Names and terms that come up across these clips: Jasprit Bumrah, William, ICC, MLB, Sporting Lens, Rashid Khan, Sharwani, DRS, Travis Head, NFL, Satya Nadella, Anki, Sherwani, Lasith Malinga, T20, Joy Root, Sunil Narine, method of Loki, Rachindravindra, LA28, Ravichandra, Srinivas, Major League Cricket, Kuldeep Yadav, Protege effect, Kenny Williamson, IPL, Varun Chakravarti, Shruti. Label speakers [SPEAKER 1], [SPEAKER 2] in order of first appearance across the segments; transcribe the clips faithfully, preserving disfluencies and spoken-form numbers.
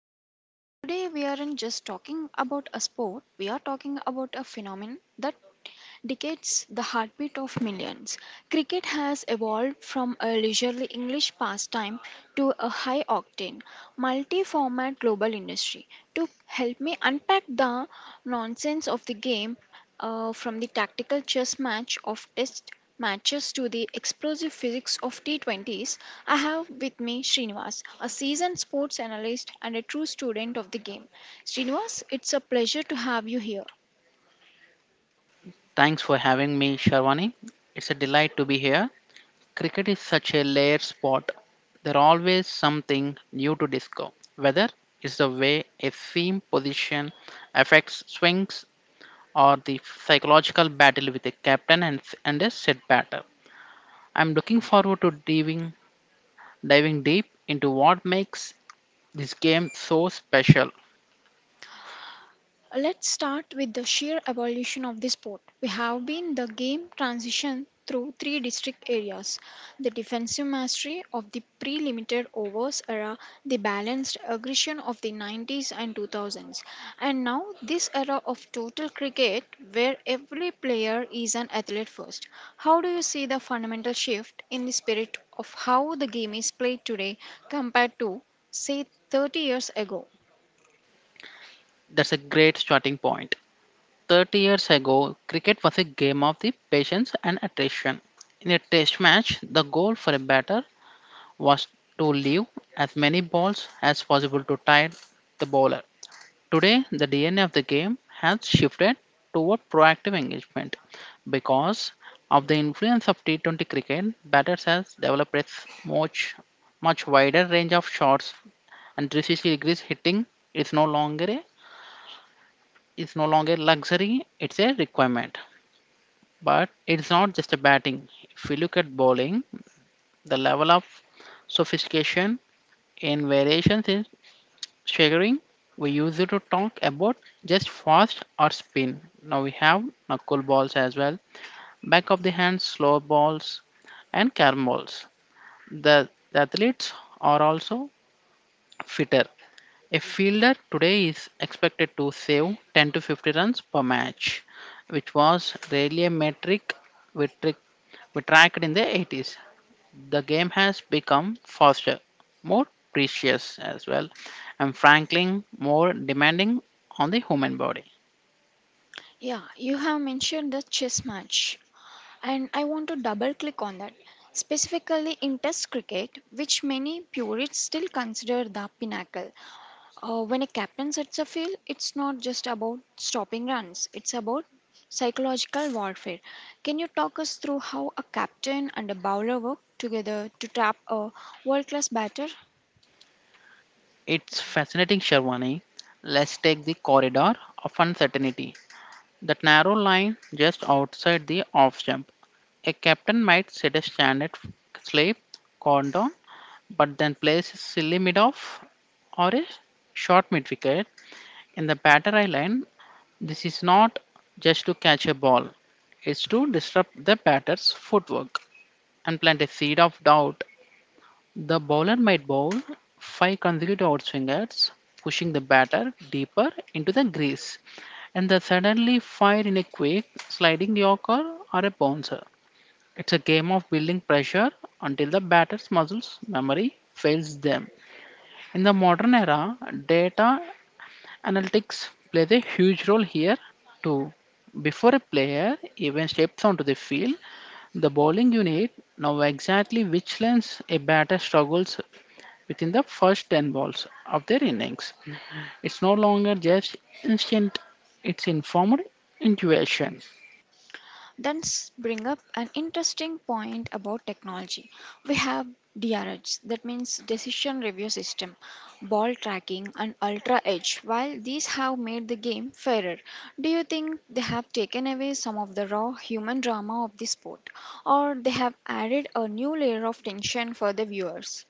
[SPEAKER 1] Sherwani. Today we aren't just talking about a sport; we are talking about a phenomenon that decades the heartbeat of millions. Cricket has evolved from a leisurely English pastime to a high octane, multi format global industry. To help me unpack the nonsense of the game, uh, from the tactical chess match of test matches to the explosive physics of T twenties, I have with me Srinivas, a seasoned sports analyst and a true student of the game. Srinivas, it's a pleasure to have you here.
[SPEAKER 2] Thanks for having me, Sharwani. It's a delight to be here. Cricket is such a layered sport. There's always something new to discover. Whether it's the way a seam position affects swings or the psychological battle with a captain and, and a set batter. I'm looking forward to diving, diving deep into what makes this game so special.
[SPEAKER 1] Let's start with the sheer evolution of the sport. We have been the game transition through three district areas, the defensive mastery of the pre limited overs era, the balanced aggression of the nineties and two thousands, and now this era of total cricket where every player is an athlete first. How do you see the fundamental shift in the spirit of how the game is played today compared to, say, thirty years ago?
[SPEAKER 2] That's a great starting point. thirty years ago, cricket was a game of the patience and attrition. In a test match, the goal for a batter was to leave as many balls as possible to tire the bowler. Today, the D N A of the game has shifted toward proactive engagement because of the influence of T twenty cricket. Batters has developed a much much wider range of shots, and 360 degrees hitting is no longer a is no longer luxury; it's a requirement. But it's not just a batting. If we look at bowling, the level of sophistication and variations is staggering. We used to talk about just fast or spin. Now we have knuckle balls as well, back of the hand slow balls, and carom balls. The, the athletes are also fitter. A fielder today is expected to save ten to fifty runs per match, which was rarely a metric we, trick, we tracked in the eighties. The game has become faster, more precious as well, and frankly, more demanding on the human body.
[SPEAKER 1] Yeah, you have mentioned the chess match, and I want to double click on that, specifically in Test cricket, which many purists still consider the pinnacle. Uh, when a captain sets a field, it's not just about stopping runs, it's about psychological warfare. Can you talk us through how a captain and a bowler work together to trap a world class batter?
[SPEAKER 2] It's fascinating, Sharwani. Let's take the corridor of uncertainty. That narrow line just outside the off jump. A captain might set a standard slip cordon, but then plays a silly mid off or a short mid wicket. In the batter I line, this is not just to catch a ball, it's to disrupt the batter's footwork and plant a seed of doubt. The bowler might bowl five consecutive outswingers, pushing the batter deeper into the crease, and then suddenly fire in a quick sliding yorker or a bouncer. It's a game of building pressure until the batter's muscles memory fails them. In the modern era, data analytics plays a huge role here too. Before a player even steps onto the field, the bowling unit know exactly which lens a batter struggles within the first ten balls of their innings. It's no longer just instinct, it's informed intuition.
[SPEAKER 1] That's bring up an interesting point about technology. We have D R Hs, that means decision review system, ball tracking, and ultra edge. While these have made the game fairer, do you think they have taken away some of the raw human drama of the sport, or they have added a new layer of tension for the viewers?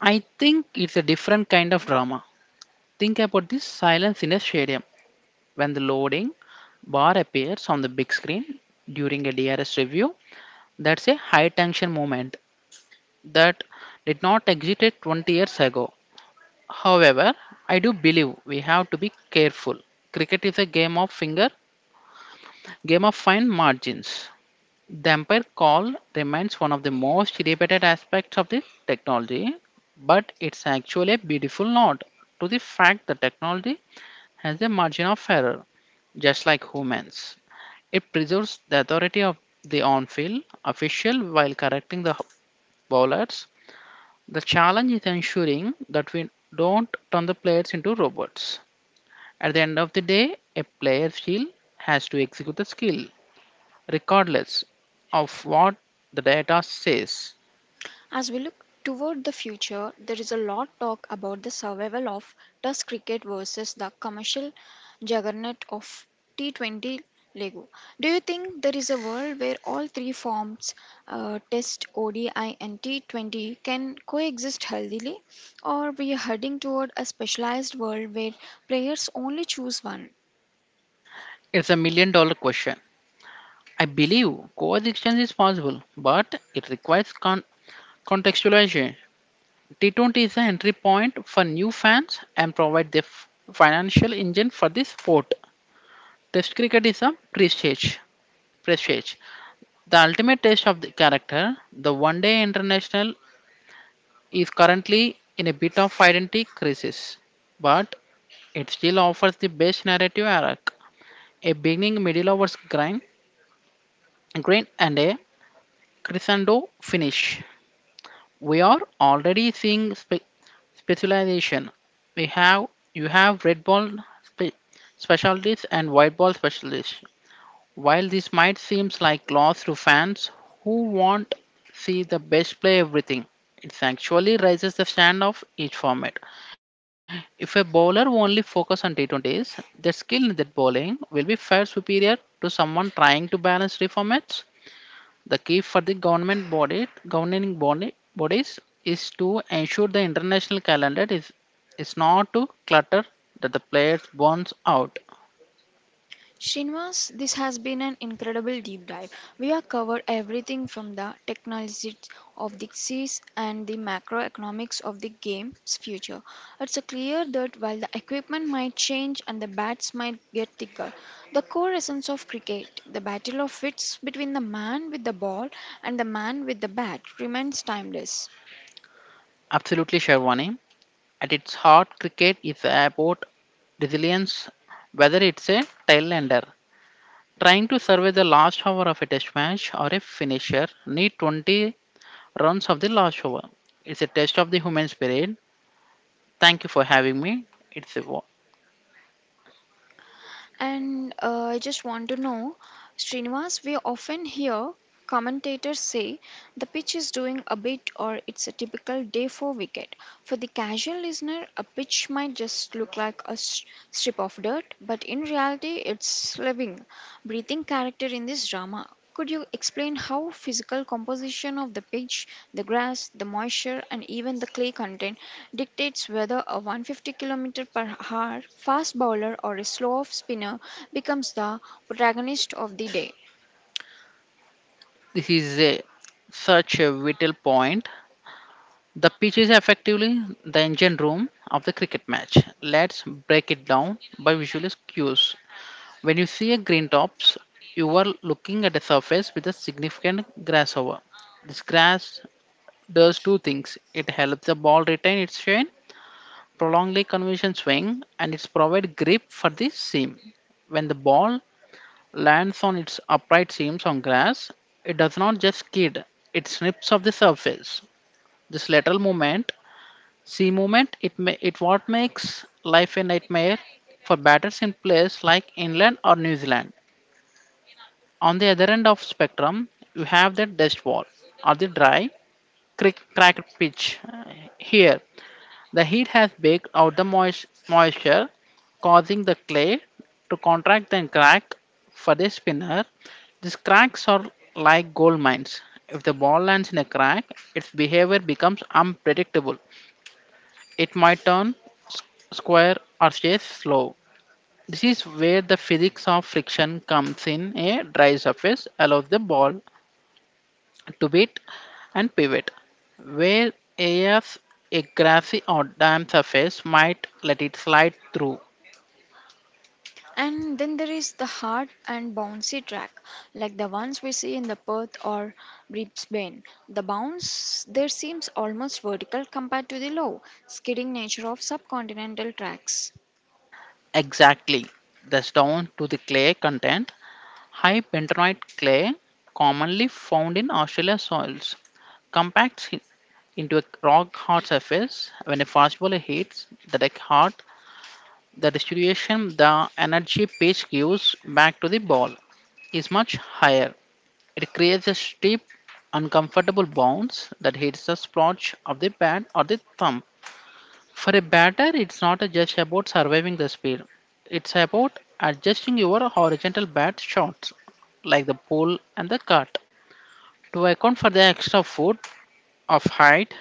[SPEAKER 2] I think it's a different kind of drama. Think about this silence in a stadium when the loading bar appears on the big screen during a D R S review. That's a high tension moment that did not exist twenty years ago. However, I do believe we have to be careful. Cricket is a game of finger, game of fine margins. The umpire call remains one of the most debated aspects of the technology, but it's actually a beautiful nod to the fact that technology has a margin of error, just like humans. It preserves the authority of the on-field official while correcting the bowlers. The challenge is ensuring that we don't turn the players into robots. At the end of the day, a player still has to execute the skill, regardless of what the data says.
[SPEAKER 1] As we look toward the future, there is a lot talk about the survival of Test cricket versus the commercial juggernaut of T twenty Lego. Do you think there is a world where all three forms, uh, Test, O D I, and T twenty, can coexist healthily, or we are heading toward a specialized world where players only choose one?
[SPEAKER 2] It's a million dollar question. I believe coexistence is possible, but it requires con- contextualization. T twenty is the entry point for new fans and provide the f- financial engine for the sport. Test cricket is a prestige. prestige. The ultimate test of the character, the one day international, is currently in a bit of identity crisis, but it still offers the best narrative arc: a beginning, middle overs grind, grind, and a crescendo finish. We are already seeing spe- specialization. We have you have red ball spe- specialties and white ball specialists. While this might seem like loss to fans who want see the best play everything, it actually raises the standard of each format. If a bowler only focus on T twenties, their skill in that bowling will be far superior to someone trying to balance three formats. The key for the government body governing body bodies is to ensure the international calendar is is not to clutter that the players burns out.
[SPEAKER 1] Srinivas, this has been an incredible deep dive. We have covered everything from the technologies of the seas and the macroeconomics of the game's future. It's clear that while the equipment might change and the bats might get thicker, the core essence of cricket, the battle of wits between the man with the ball and the man with the bat, remains timeless.
[SPEAKER 2] Absolutely, Sherwani. At its heart, cricket is about resilience, whether it's a tailender trying to survive the last hour of a test match or a finisher need twenty runs of the last over. It's a test of the human spirit. Thank you for having me. It's a, wa-
[SPEAKER 1] And uh, I just want to know, Srinivas, we often hear commentators say the pitch is doing a bit or it's a typical day for wicket. For the casual listener, a pitch might just look like a s- strip of dirt, but in reality, it's living, breathing character in this drama. Could you explain how physical composition of the pitch, the grass, the moisture, and even the clay content dictates whether a one hundred fifty kilometers per hour fast bowler or a slow off spinner becomes the protagonist of the day?
[SPEAKER 2] this is a, such a vital point. The pitch is effectively the engine room of the cricket match. Let's break it down by visual cues. When you see a green tops, you are looking at a surface with a significant grass grassover. This grass does two things. It helps the ball retain its chain, prolong the convention swing, and it provides grip for the seam. When the ball lands on its upright seams on grass, it does not just skid, it snips off the surface. This lateral movement, seam movement, it, ma- it what makes life a nightmare for batters in place like England or New Zealand. On the other end of spectrum, you have the dust wall or the dry, crick, cracked pitch. uh, Here, the heat has baked out the moist, moisture, causing the clay to contract and crack. For the spinner, these cracks are like gold mines. If the ball lands in a crack, its behavior becomes unpredictable. It might turn s- square or stay slow. This is where the physics of friction comes in. A dry surface allows the ball debate and pivot, where AF a grassy or damp surface might let it slide through.
[SPEAKER 1] And then there is the hard and bouncy track, like the ones we see in the Perth or Brisbane. The bounce there seems almost vertical compared to the low, skidding nature of subcontinental tracks.
[SPEAKER 2] Exactly, thus down to the clay content. High bentonite clay, commonly found in Australian soils, compacts i- into a rock hard surface. When a fastball hits the deck hard, the distribution the energy pitch gives back to the ball is much higher. It creates a steep uncomfortable bounce that hits the splotch of the pad or the thumb. For a batter, it's not just about surviving the spin. It's about adjusting your horizontal bat shots, like the pull and the cut, to account for the extra foot of height.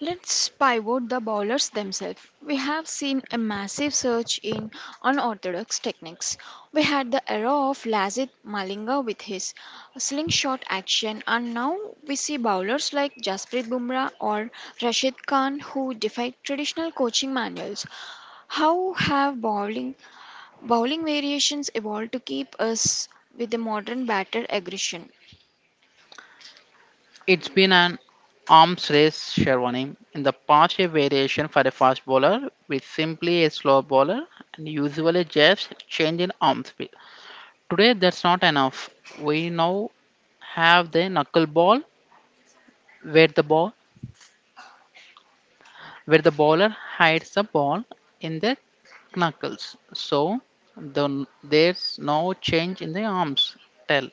[SPEAKER 1] Let's pivot the bowlers themselves. We have seen a massive surge in unorthodox techniques. We had the era of Lazit Malinga with his slingshot action, and now we see bowlers like Jasprit Bumrah or Rashid Khan who defy traditional coaching manuals. How have bowling bowling variations evolved to keep us with the modern batter aggression?
[SPEAKER 2] It's been an arms race, Sherwani. In the past, a variation for a fast bowler with simply a slow bowler and usually just change in arm speed. Today, that's not enough. We now have the knuckleball, where the ball, where the bowler hides the ball in the knuckles. So the, there's no change in the arms tell,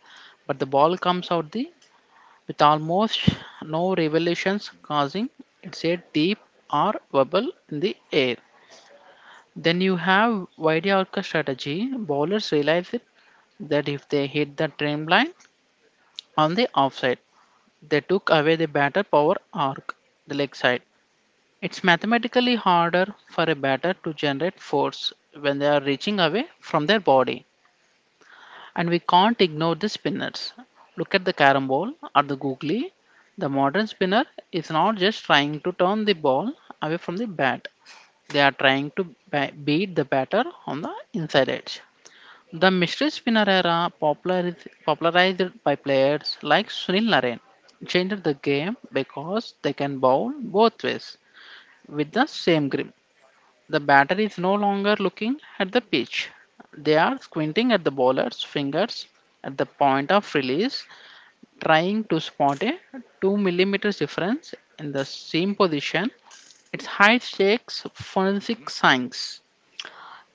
[SPEAKER 2] but the ball comes out the with almost no revolutions, causing it's a deep or bubble in the air. Then you have wide orca strategy. Bowlers realize it that if they hit the trim line, on the offside, they took away the batter power arc, the leg side. It's mathematically harder for a batter to generate force when they are reaching away from their body. And we can't ignore the spinners. Look at the carom ball or the googly. The modern spinner is not just trying to turn the ball away from the bat, they are trying to ba- beat the batter on the inside edge. The mystery spinner era, popularized, popularized by players like Sunil Narine, changed the game because they can bowl both ways with the same grip. The batter is no longer looking at the pitch, they are squinting at the bowler's fingers at the point of release, trying to spot a two millimeter difference in the seam position. It's high stakes forensic science.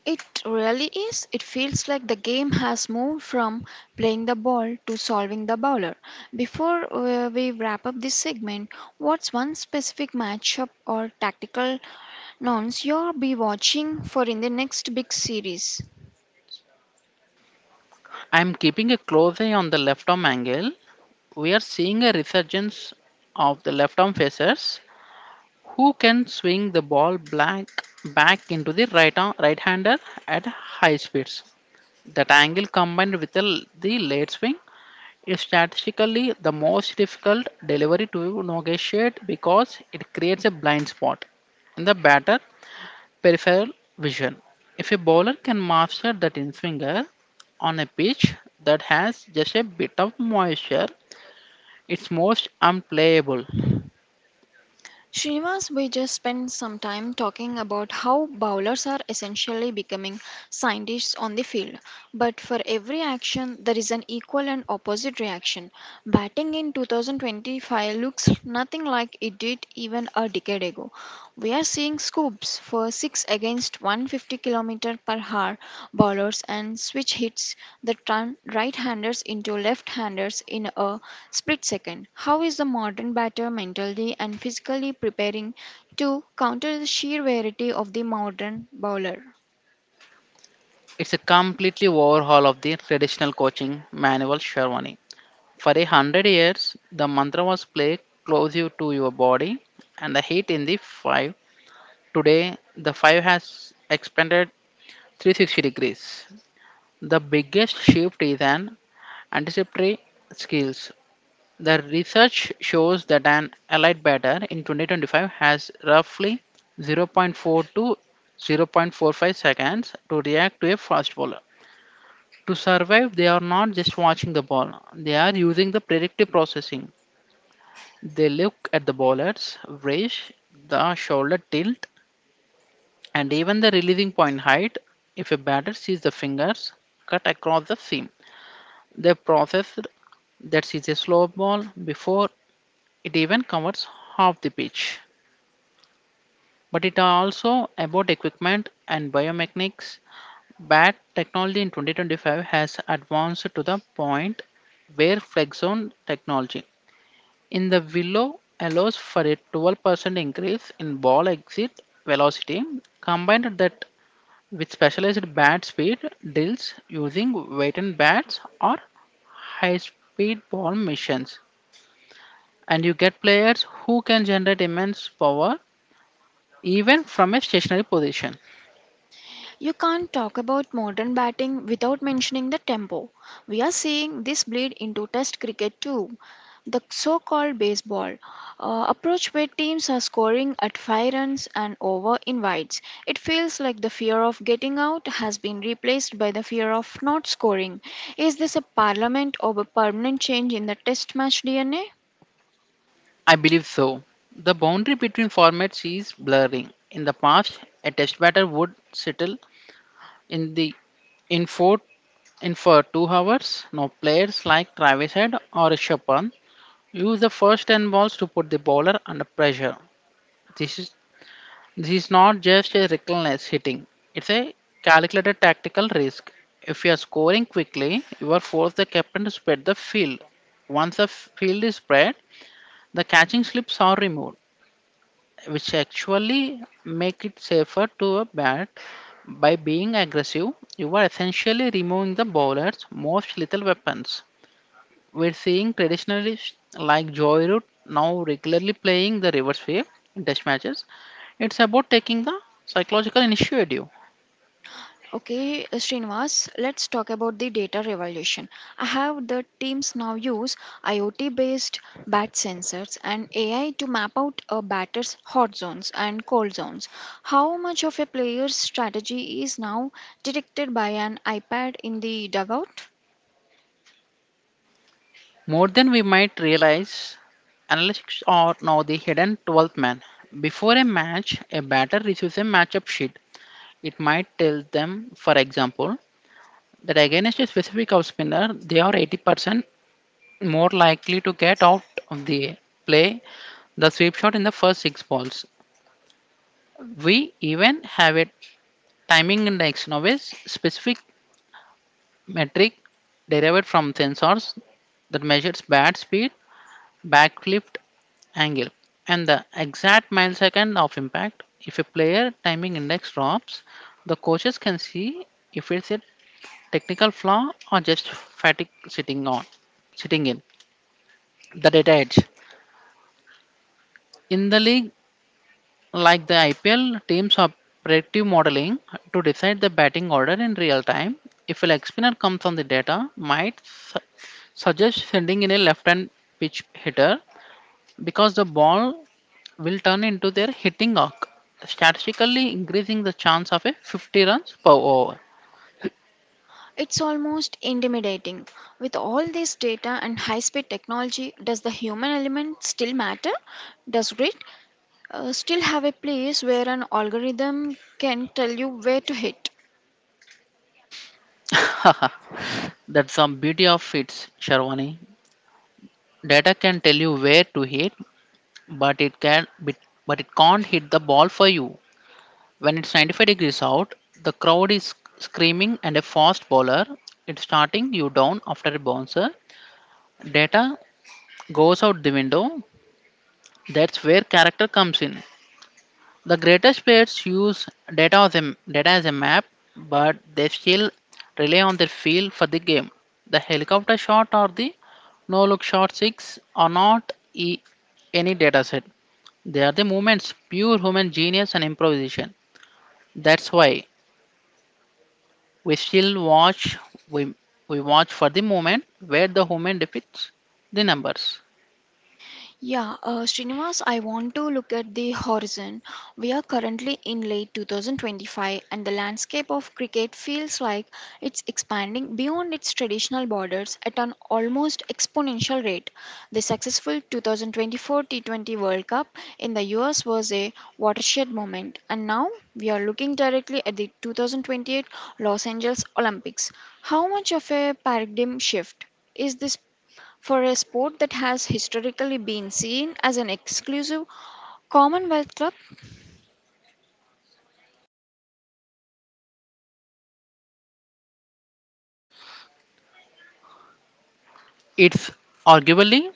[SPEAKER 1] It really is. It feels like the game has moved from playing the ball to solving the bowler. Before uh, we wrap up this segment, what's one specific matchup or tactical nonce you'll be watching for in the next big series?
[SPEAKER 2] I'm keeping a close eye on the left arm angle. We are seeing a resurgence of the left arm facers who can swing the ball blank back into the right arm, right hander at high speeds. That angle combined with the, the late swing is statistically the most difficult delivery to negotiate because it creates a blind spot in the batter peripheral vision. If a bowler can master that in swinger on a pitch that has just a bit of moisture, it's most unplayable.
[SPEAKER 1] Srinivas, we just spent some time talking about how bowlers are essentially becoming scientists on the field. But for every action, there is an equal and opposite reaction. Batting in two thousand twenty-five looks nothing like it did even a decade ago. We are seeing scoops for six against one hundred fifty kilometers per hour bowlers and switch hits the tran- right-handers into left-handers in a split second. How is the modern batter mentally and physically preparing to counter the sheer variety of the modern bowler?
[SPEAKER 2] It's a completely overhaul of the traditional coaching manual, Sherwani. For a hundred years, the mantra was played close you to your body and the heat in the five. Today, the five has expanded three hundred sixty degrees. The biggest shift is an anticipatory skills. The research shows that an allied batter in twenty twenty-five has roughly zero point zero point four to zero point four five seconds to react to a fastball. To survive, they are not just watching the ball, they are using the predictive processing. They look at the bowler's raise, the shoulder tilt, and even the releasing point height. If a batter sees the fingers cut across the seam, they process that sees a slow ball before it even covers half the pitch. But it also about equipment and biomechanics. Bat technology in twenty twenty-five has advanced to the point where flex zone technology in the willow allows for a twelve percent increase in ball exit velocity. Combined that with specialized bat speed drills using weighted bats or high speed ball missions, and you get players who can generate immense power even from a stationary position.
[SPEAKER 1] You can't talk about modern batting without mentioning the tempo. We are seeing this bleed into Test cricket too. The so called baseball uh, approach, where teams are scoring at five runs and over in wides. It feels like the fear of getting out has been replaced by the fear of not scoring. Is this a parliament or a permanent change in the Test match D N A?
[SPEAKER 2] I believe so. The boundary between formats is blurring. In the past, a test batter would settle in the in four in for two hours. Now players like Travis Head or Rishabh Pant use the first ten balls to put the bowler under pressure. This is this is not just a reckless hitting; it's a calculated tactical risk. If you are scoring quickly, you are forced the captain to spread the field. Once the field is spread, the catching slips are removed, which actually make it safer to a bat. By being aggressive, you are essentially removing the bowler's most lethal weapons. We're seeing traditionalists like joy root now regularly playing the reverse wave in test matches. It's about taking the psychological initiative.
[SPEAKER 1] Okay, uh, Srinivas, let's talk about the data revolution. I have the teams now use IoT based bat sensors and A I to map out a batter's hot zones and cold zones. How much of a player's strategy is now detected by an iPad in the dugout?
[SPEAKER 2] More than we might realize, analytics are now the hidden twelfth man. Before a match, a batter receives a matchup sheet. It might tell them, for example, that against a specific off spinner, they are eighty percent more likely to get out of the play the sweep shot in the first six balls. We even have a timing index now, a specific metric derived from sensors that measures bat speed, backlift angle, and the exact millisecond of impact. If a player timing index drops, the coaches can see if it's a technical flaw or just fatigue sitting on sitting in. The data edge. In the league like the I P L, teams are predictive modeling to decide the batting order in real time. If a leg spinner comes on, the data might su- suggest sending in a left hand pitch hitter because the ball will turn into their hitting arc, statistically increasing the chance of a fifty runs per over.
[SPEAKER 1] It's almost intimidating. With all this data and high speed technology, does the human element still matter? Does grit? Uh, still have a place where an algorithm can tell you where to hit.
[SPEAKER 2] That's some beauty of it, Sharwani. Data can tell you where to hit, but it can but but it can't hit the ball for you. When it's ninety-five degrees out, the crowd is screaming and a fast bowler it's starting you down after a bouncer. Data goes out the window. That's where character comes in. The greatest players use data as a, data as a map, but they still rely on their feel for the game. The helicopter shot or the no look shot six are not e- any data set. They are the moments, pure human genius and improvisation. That's why we still watch, we, we watch for the moment where the human defeats the numbers.
[SPEAKER 1] Yeah, uh, Srinivas, I want to look at the horizon. We are currently in late twenty twenty-five, and the landscape of cricket feels like it's expanding beyond its traditional borders at an almost exponential rate. The successful two thousand twenty-four T twenty World Cup in the U S was a watershed moment, and now we are looking directly at the two thousand twenty-eight Los Angeles Olympics. How much of a paradigm shift is this for a sport that has historically been seen as an exclusive Commonwealth club.
[SPEAKER 2] It's arguably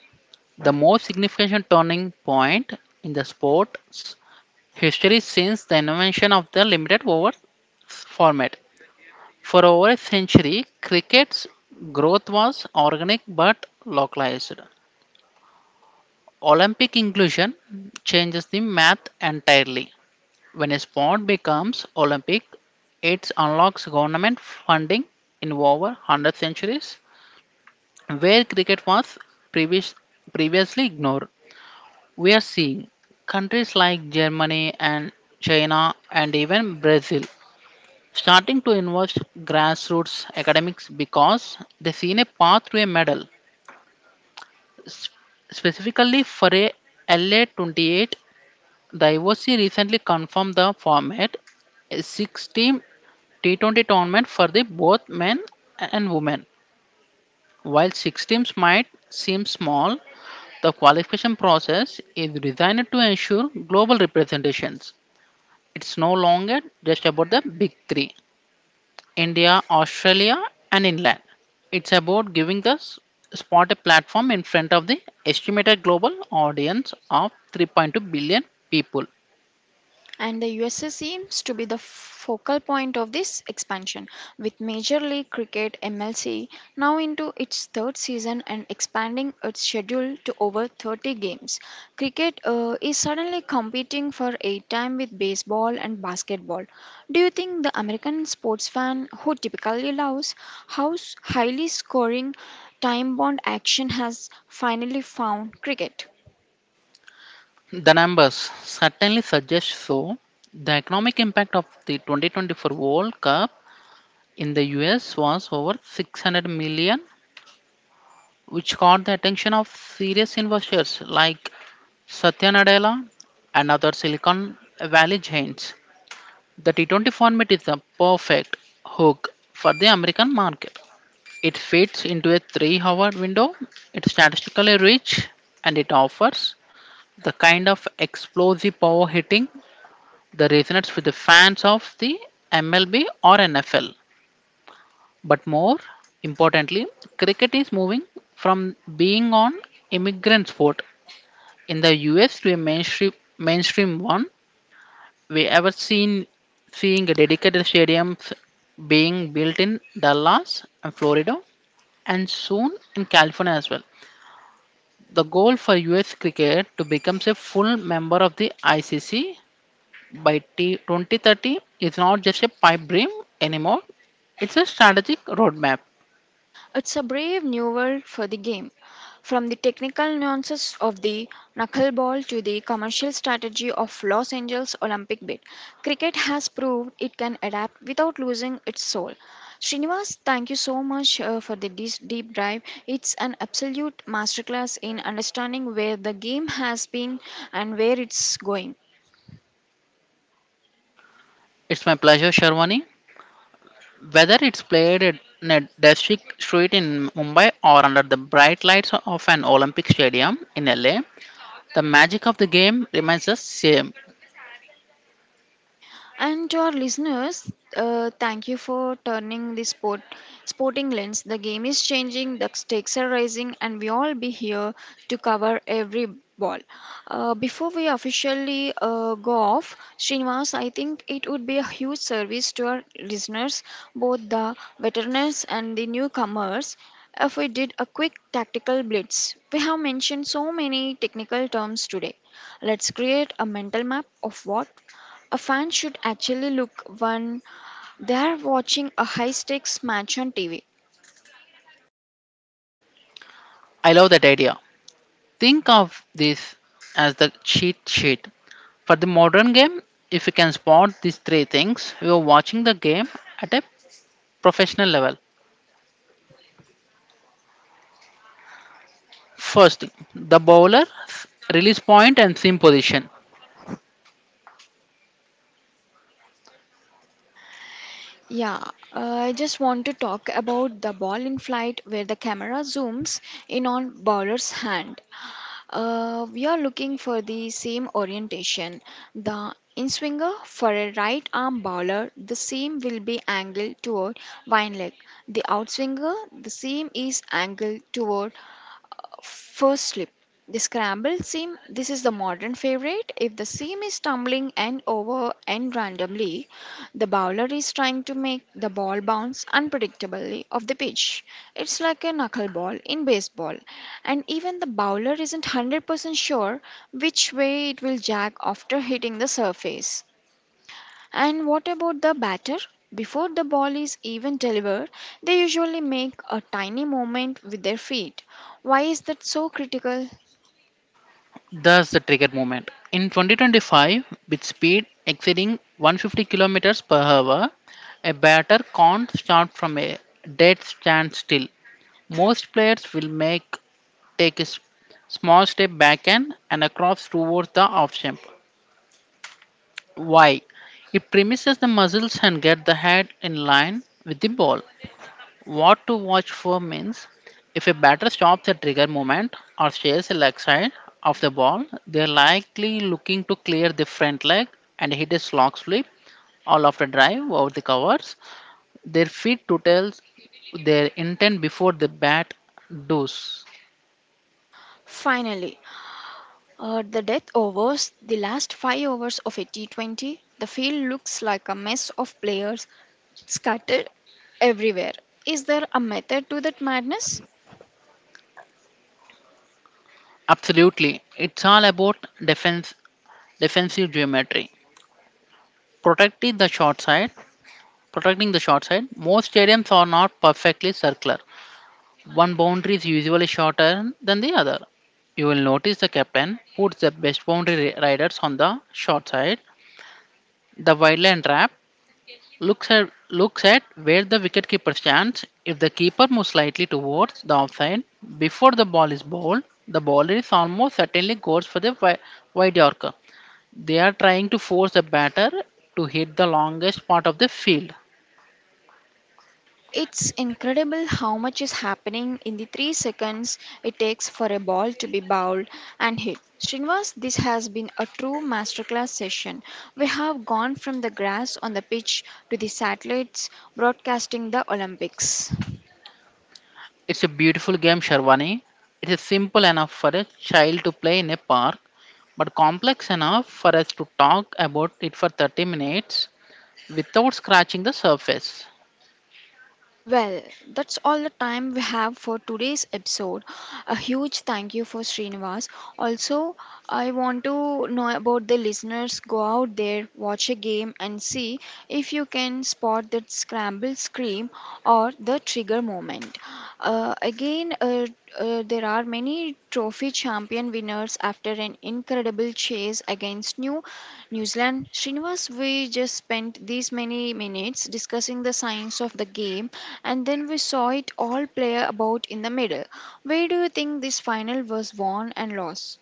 [SPEAKER 2] the most significant turning point in the sport's history since the invention of the limited over format. For over a century, cricket's growth was organic but localized. Olympic inclusion changes the math entirely. When a sport becomes Olympic, it unlocks government funding in over one hundred centuries, where cricket was previous, previously ignored. We are seeing countries like Germany and China and even Brazil starting to invest grassroots academics because they see a path to a medal. S- Specifically for a L A twenty-eight, the I O C recently confirmed the format, a six team T twenty tournament for the both men and women. While six teams might seem small, the qualification process is designed to ensure global representations. It's no longer just about the big three, India, Australia, and England. It's about giving the s- sport a platform in front of the estimated global audience of three point two billion people.
[SPEAKER 1] And the U S A seems to be the focal point of this expansion, with Major League Cricket M L C now into its third season and expanding its schedule to over thirty games. Cricket uh, is suddenly competing for a time with baseball and basketball. Do you think the American sports fan who typically loves how s- highly scoring time bound action has finally found cricket?
[SPEAKER 2] The numbers certainly suggest so. The economic impact of the twenty twenty-four World Cup in the U S was over six hundred million, which caught the attention of serious investors like Satya Nadella and other Silicon Valley giants. The T twenty format is the perfect hook for the American market. It fits into a three hour window, it's statistically rich, and it offers the kind of explosive power hitting that resonates with the fans of the M L B or N F L. But more importantly, cricket is moving from being an immigrant sport in the U S to a mainstream mainstream one. We ever seen seeing dedicated stadiums being built in Dallas and Florida and soon in California as well. The goal for U S cricket to become a full member of the I C C by t- twenty thirty is not just a pipe dream anymore. It's a strategic roadmap.
[SPEAKER 1] It's a brave new world for the game. From the technical nuances of the knuckleball to the commercial strategy of Los Angeles Olympic bid, cricket has proved it can adapt without losing its soul. Srinivas, thank you so much uh, for the dis- deep dive. It's an absolute masterclass in understanding where the game has been and where it's going.
[SPEAKER 2] It's my pleasure, Sharwani. Whether it's played at in a district street in Mumbai or under the bright lights of an Olympic stadium in L A, the magic of the game remains the same.
[SPEAKER 1] And to our listeners, uh, thank you for turning the sport sporting lens. The game is changing, the stakes are rising, and we all be here to cover every ball. Uh, before we officially uh, go off, Srinivas, I think it would be a huge service to our listeners, both the veterans and the newcomers. If we did a quick tactical blitz, we have mentioned so many technical terms today. Let's create a mental map of what a fan should actually look when they're watching a high stakes match on T V.
[SPEAKER 2] I love that idea. Think of this as the cheat sheet. For the modern game, if you can spot these three things, you are watching the game at a professional level. First, the bowler's release point and seam position.
[SPEAKER 1] Yeah, uh, I just want to talk about the ball in flight where the camera zooms in on bowler's hand. Uh, we are looking for the same orientation. The in swinger for a right arm bowler, the seam will be angled toward wine leg. The outswinger, the seam is angled toward first slip. The scrambled seam. This is the modern favorite. If the seam is tumbling end over end randomly, the bowler is trying to make the ball bounce unpredictably off the pitch. It's like a knuckleball in baseball, and even the bowler isn't one hundred percent sure which way it will jack after hitting the surface. And what about the batter? Before the ball is even delivered, they usually make a tiny movement with their feet. Why is that so critical?
[SPEAKER 2] That's the trigger moment. In twenty twenty-five, with speed exceeding one hundred fifty kilometers per hour, a batter can't start from a dead standstill. Most players will make take a s- small step backhand and across towards the off jump. Why? It premises the muscles and get the head in line with the ball. What to watch for means, if a batter stops a trigger moment or stays a leg side of the ball, they're likely looking to clear the front leg and hit a slog sweep all after drive over the covers. Their feet to tell their intent before the bat does.
[SPEAKER 1] Finally, uh, the death overs, the last five overs of a T twenty, the field looks like a mess of players scattered everywhere. Is there a method to that madness?
[SPEAKER 2] Absolutely. It's all about defense defensive geometry. Protecting the short side. Protecting the short side. Most stadiums are not perfectly circular. One boundary is usually shorter than the other. You will notice the captain puts the best boundary ri- riders on the short side. The wideline trap looks at looks at where the wicketkeeper stands. If the keeper moves slightly towards the offside before the ball is bowled, the bowler is almost certainly goes for the wi- wide yorker. They are trying to force the batter to hit the longest part of the field.
[SPEAKER 1] It's incredible how much is happening in the three seconds it takes for a ball to be bowled and hit. Srinivas, this has been a true masterclass session. We have gone from the grass on the pitch to the satellites broadcasting the Olympics.
[SPEAKER 2] It's a beautiful game, Sharwani. It is simple enough for a child to play in a park, but complex enough for us to talk about it for thirty minutes without scratching the surface.
[SPEAKER 1] Well, that's all the time we have for today's episode. A huge thank you for Srinivas. Also, I want to know about the listeners. Go out there, watch a game, and see if you can spot that scramble scream or the trigger moment. Uh, again, uh, uh, uh, there are many trophy champion winners after an incredible chase against New New Zealand. Srinivas, we just spent these many minutes discussing the science of the game, and then we saw it all play about in the middle. Where do you think this final was won and lost?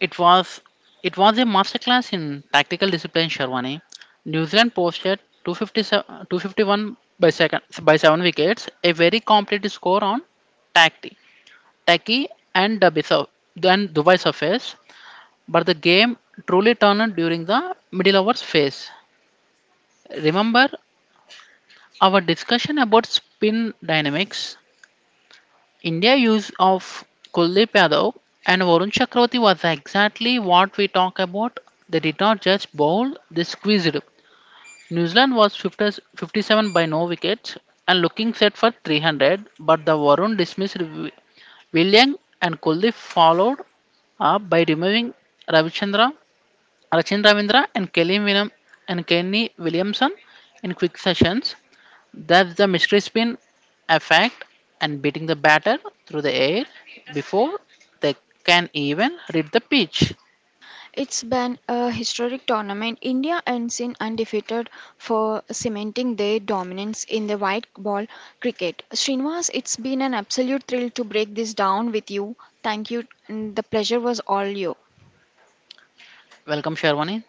[SPEAKER 2] It was it was a masterclass in tactical discipline, Sharwani. New Zealand posted two fifty-seven two fifty-one by, second, by seven wickets, a very complete score on Taki, Taki and Dubai, sur- and Dubai surface, but the game truly turned during the middle overs phase. Remember our discussion about spin dynamics? India's use of Kuldeep Yadav and Varun Chakravarti was exactly what we talk about. They did not just bowl, they squeezed. New Zealand was fifty fifty-seven by no wickets and looking set for three hundred, but the Varun dismissed Wi- William, and Kuldeep followed up by removing Ravichandra, Rachindravindra and Kelly Winam and Kenny Williamson in quick sessions. That's the mystery spin effect, and beating the batter through the air before they can even read the pitch.
[SPEAKER 1] It's been a historic tournament. India ends in undefeated for cementing their dominance in the white ball cricket. Srinivas, it's been an absolute thrill to break this down with you. Thank you, and the pleasure was all yours.
[SPEAKER 2] Welcome, Sharwani.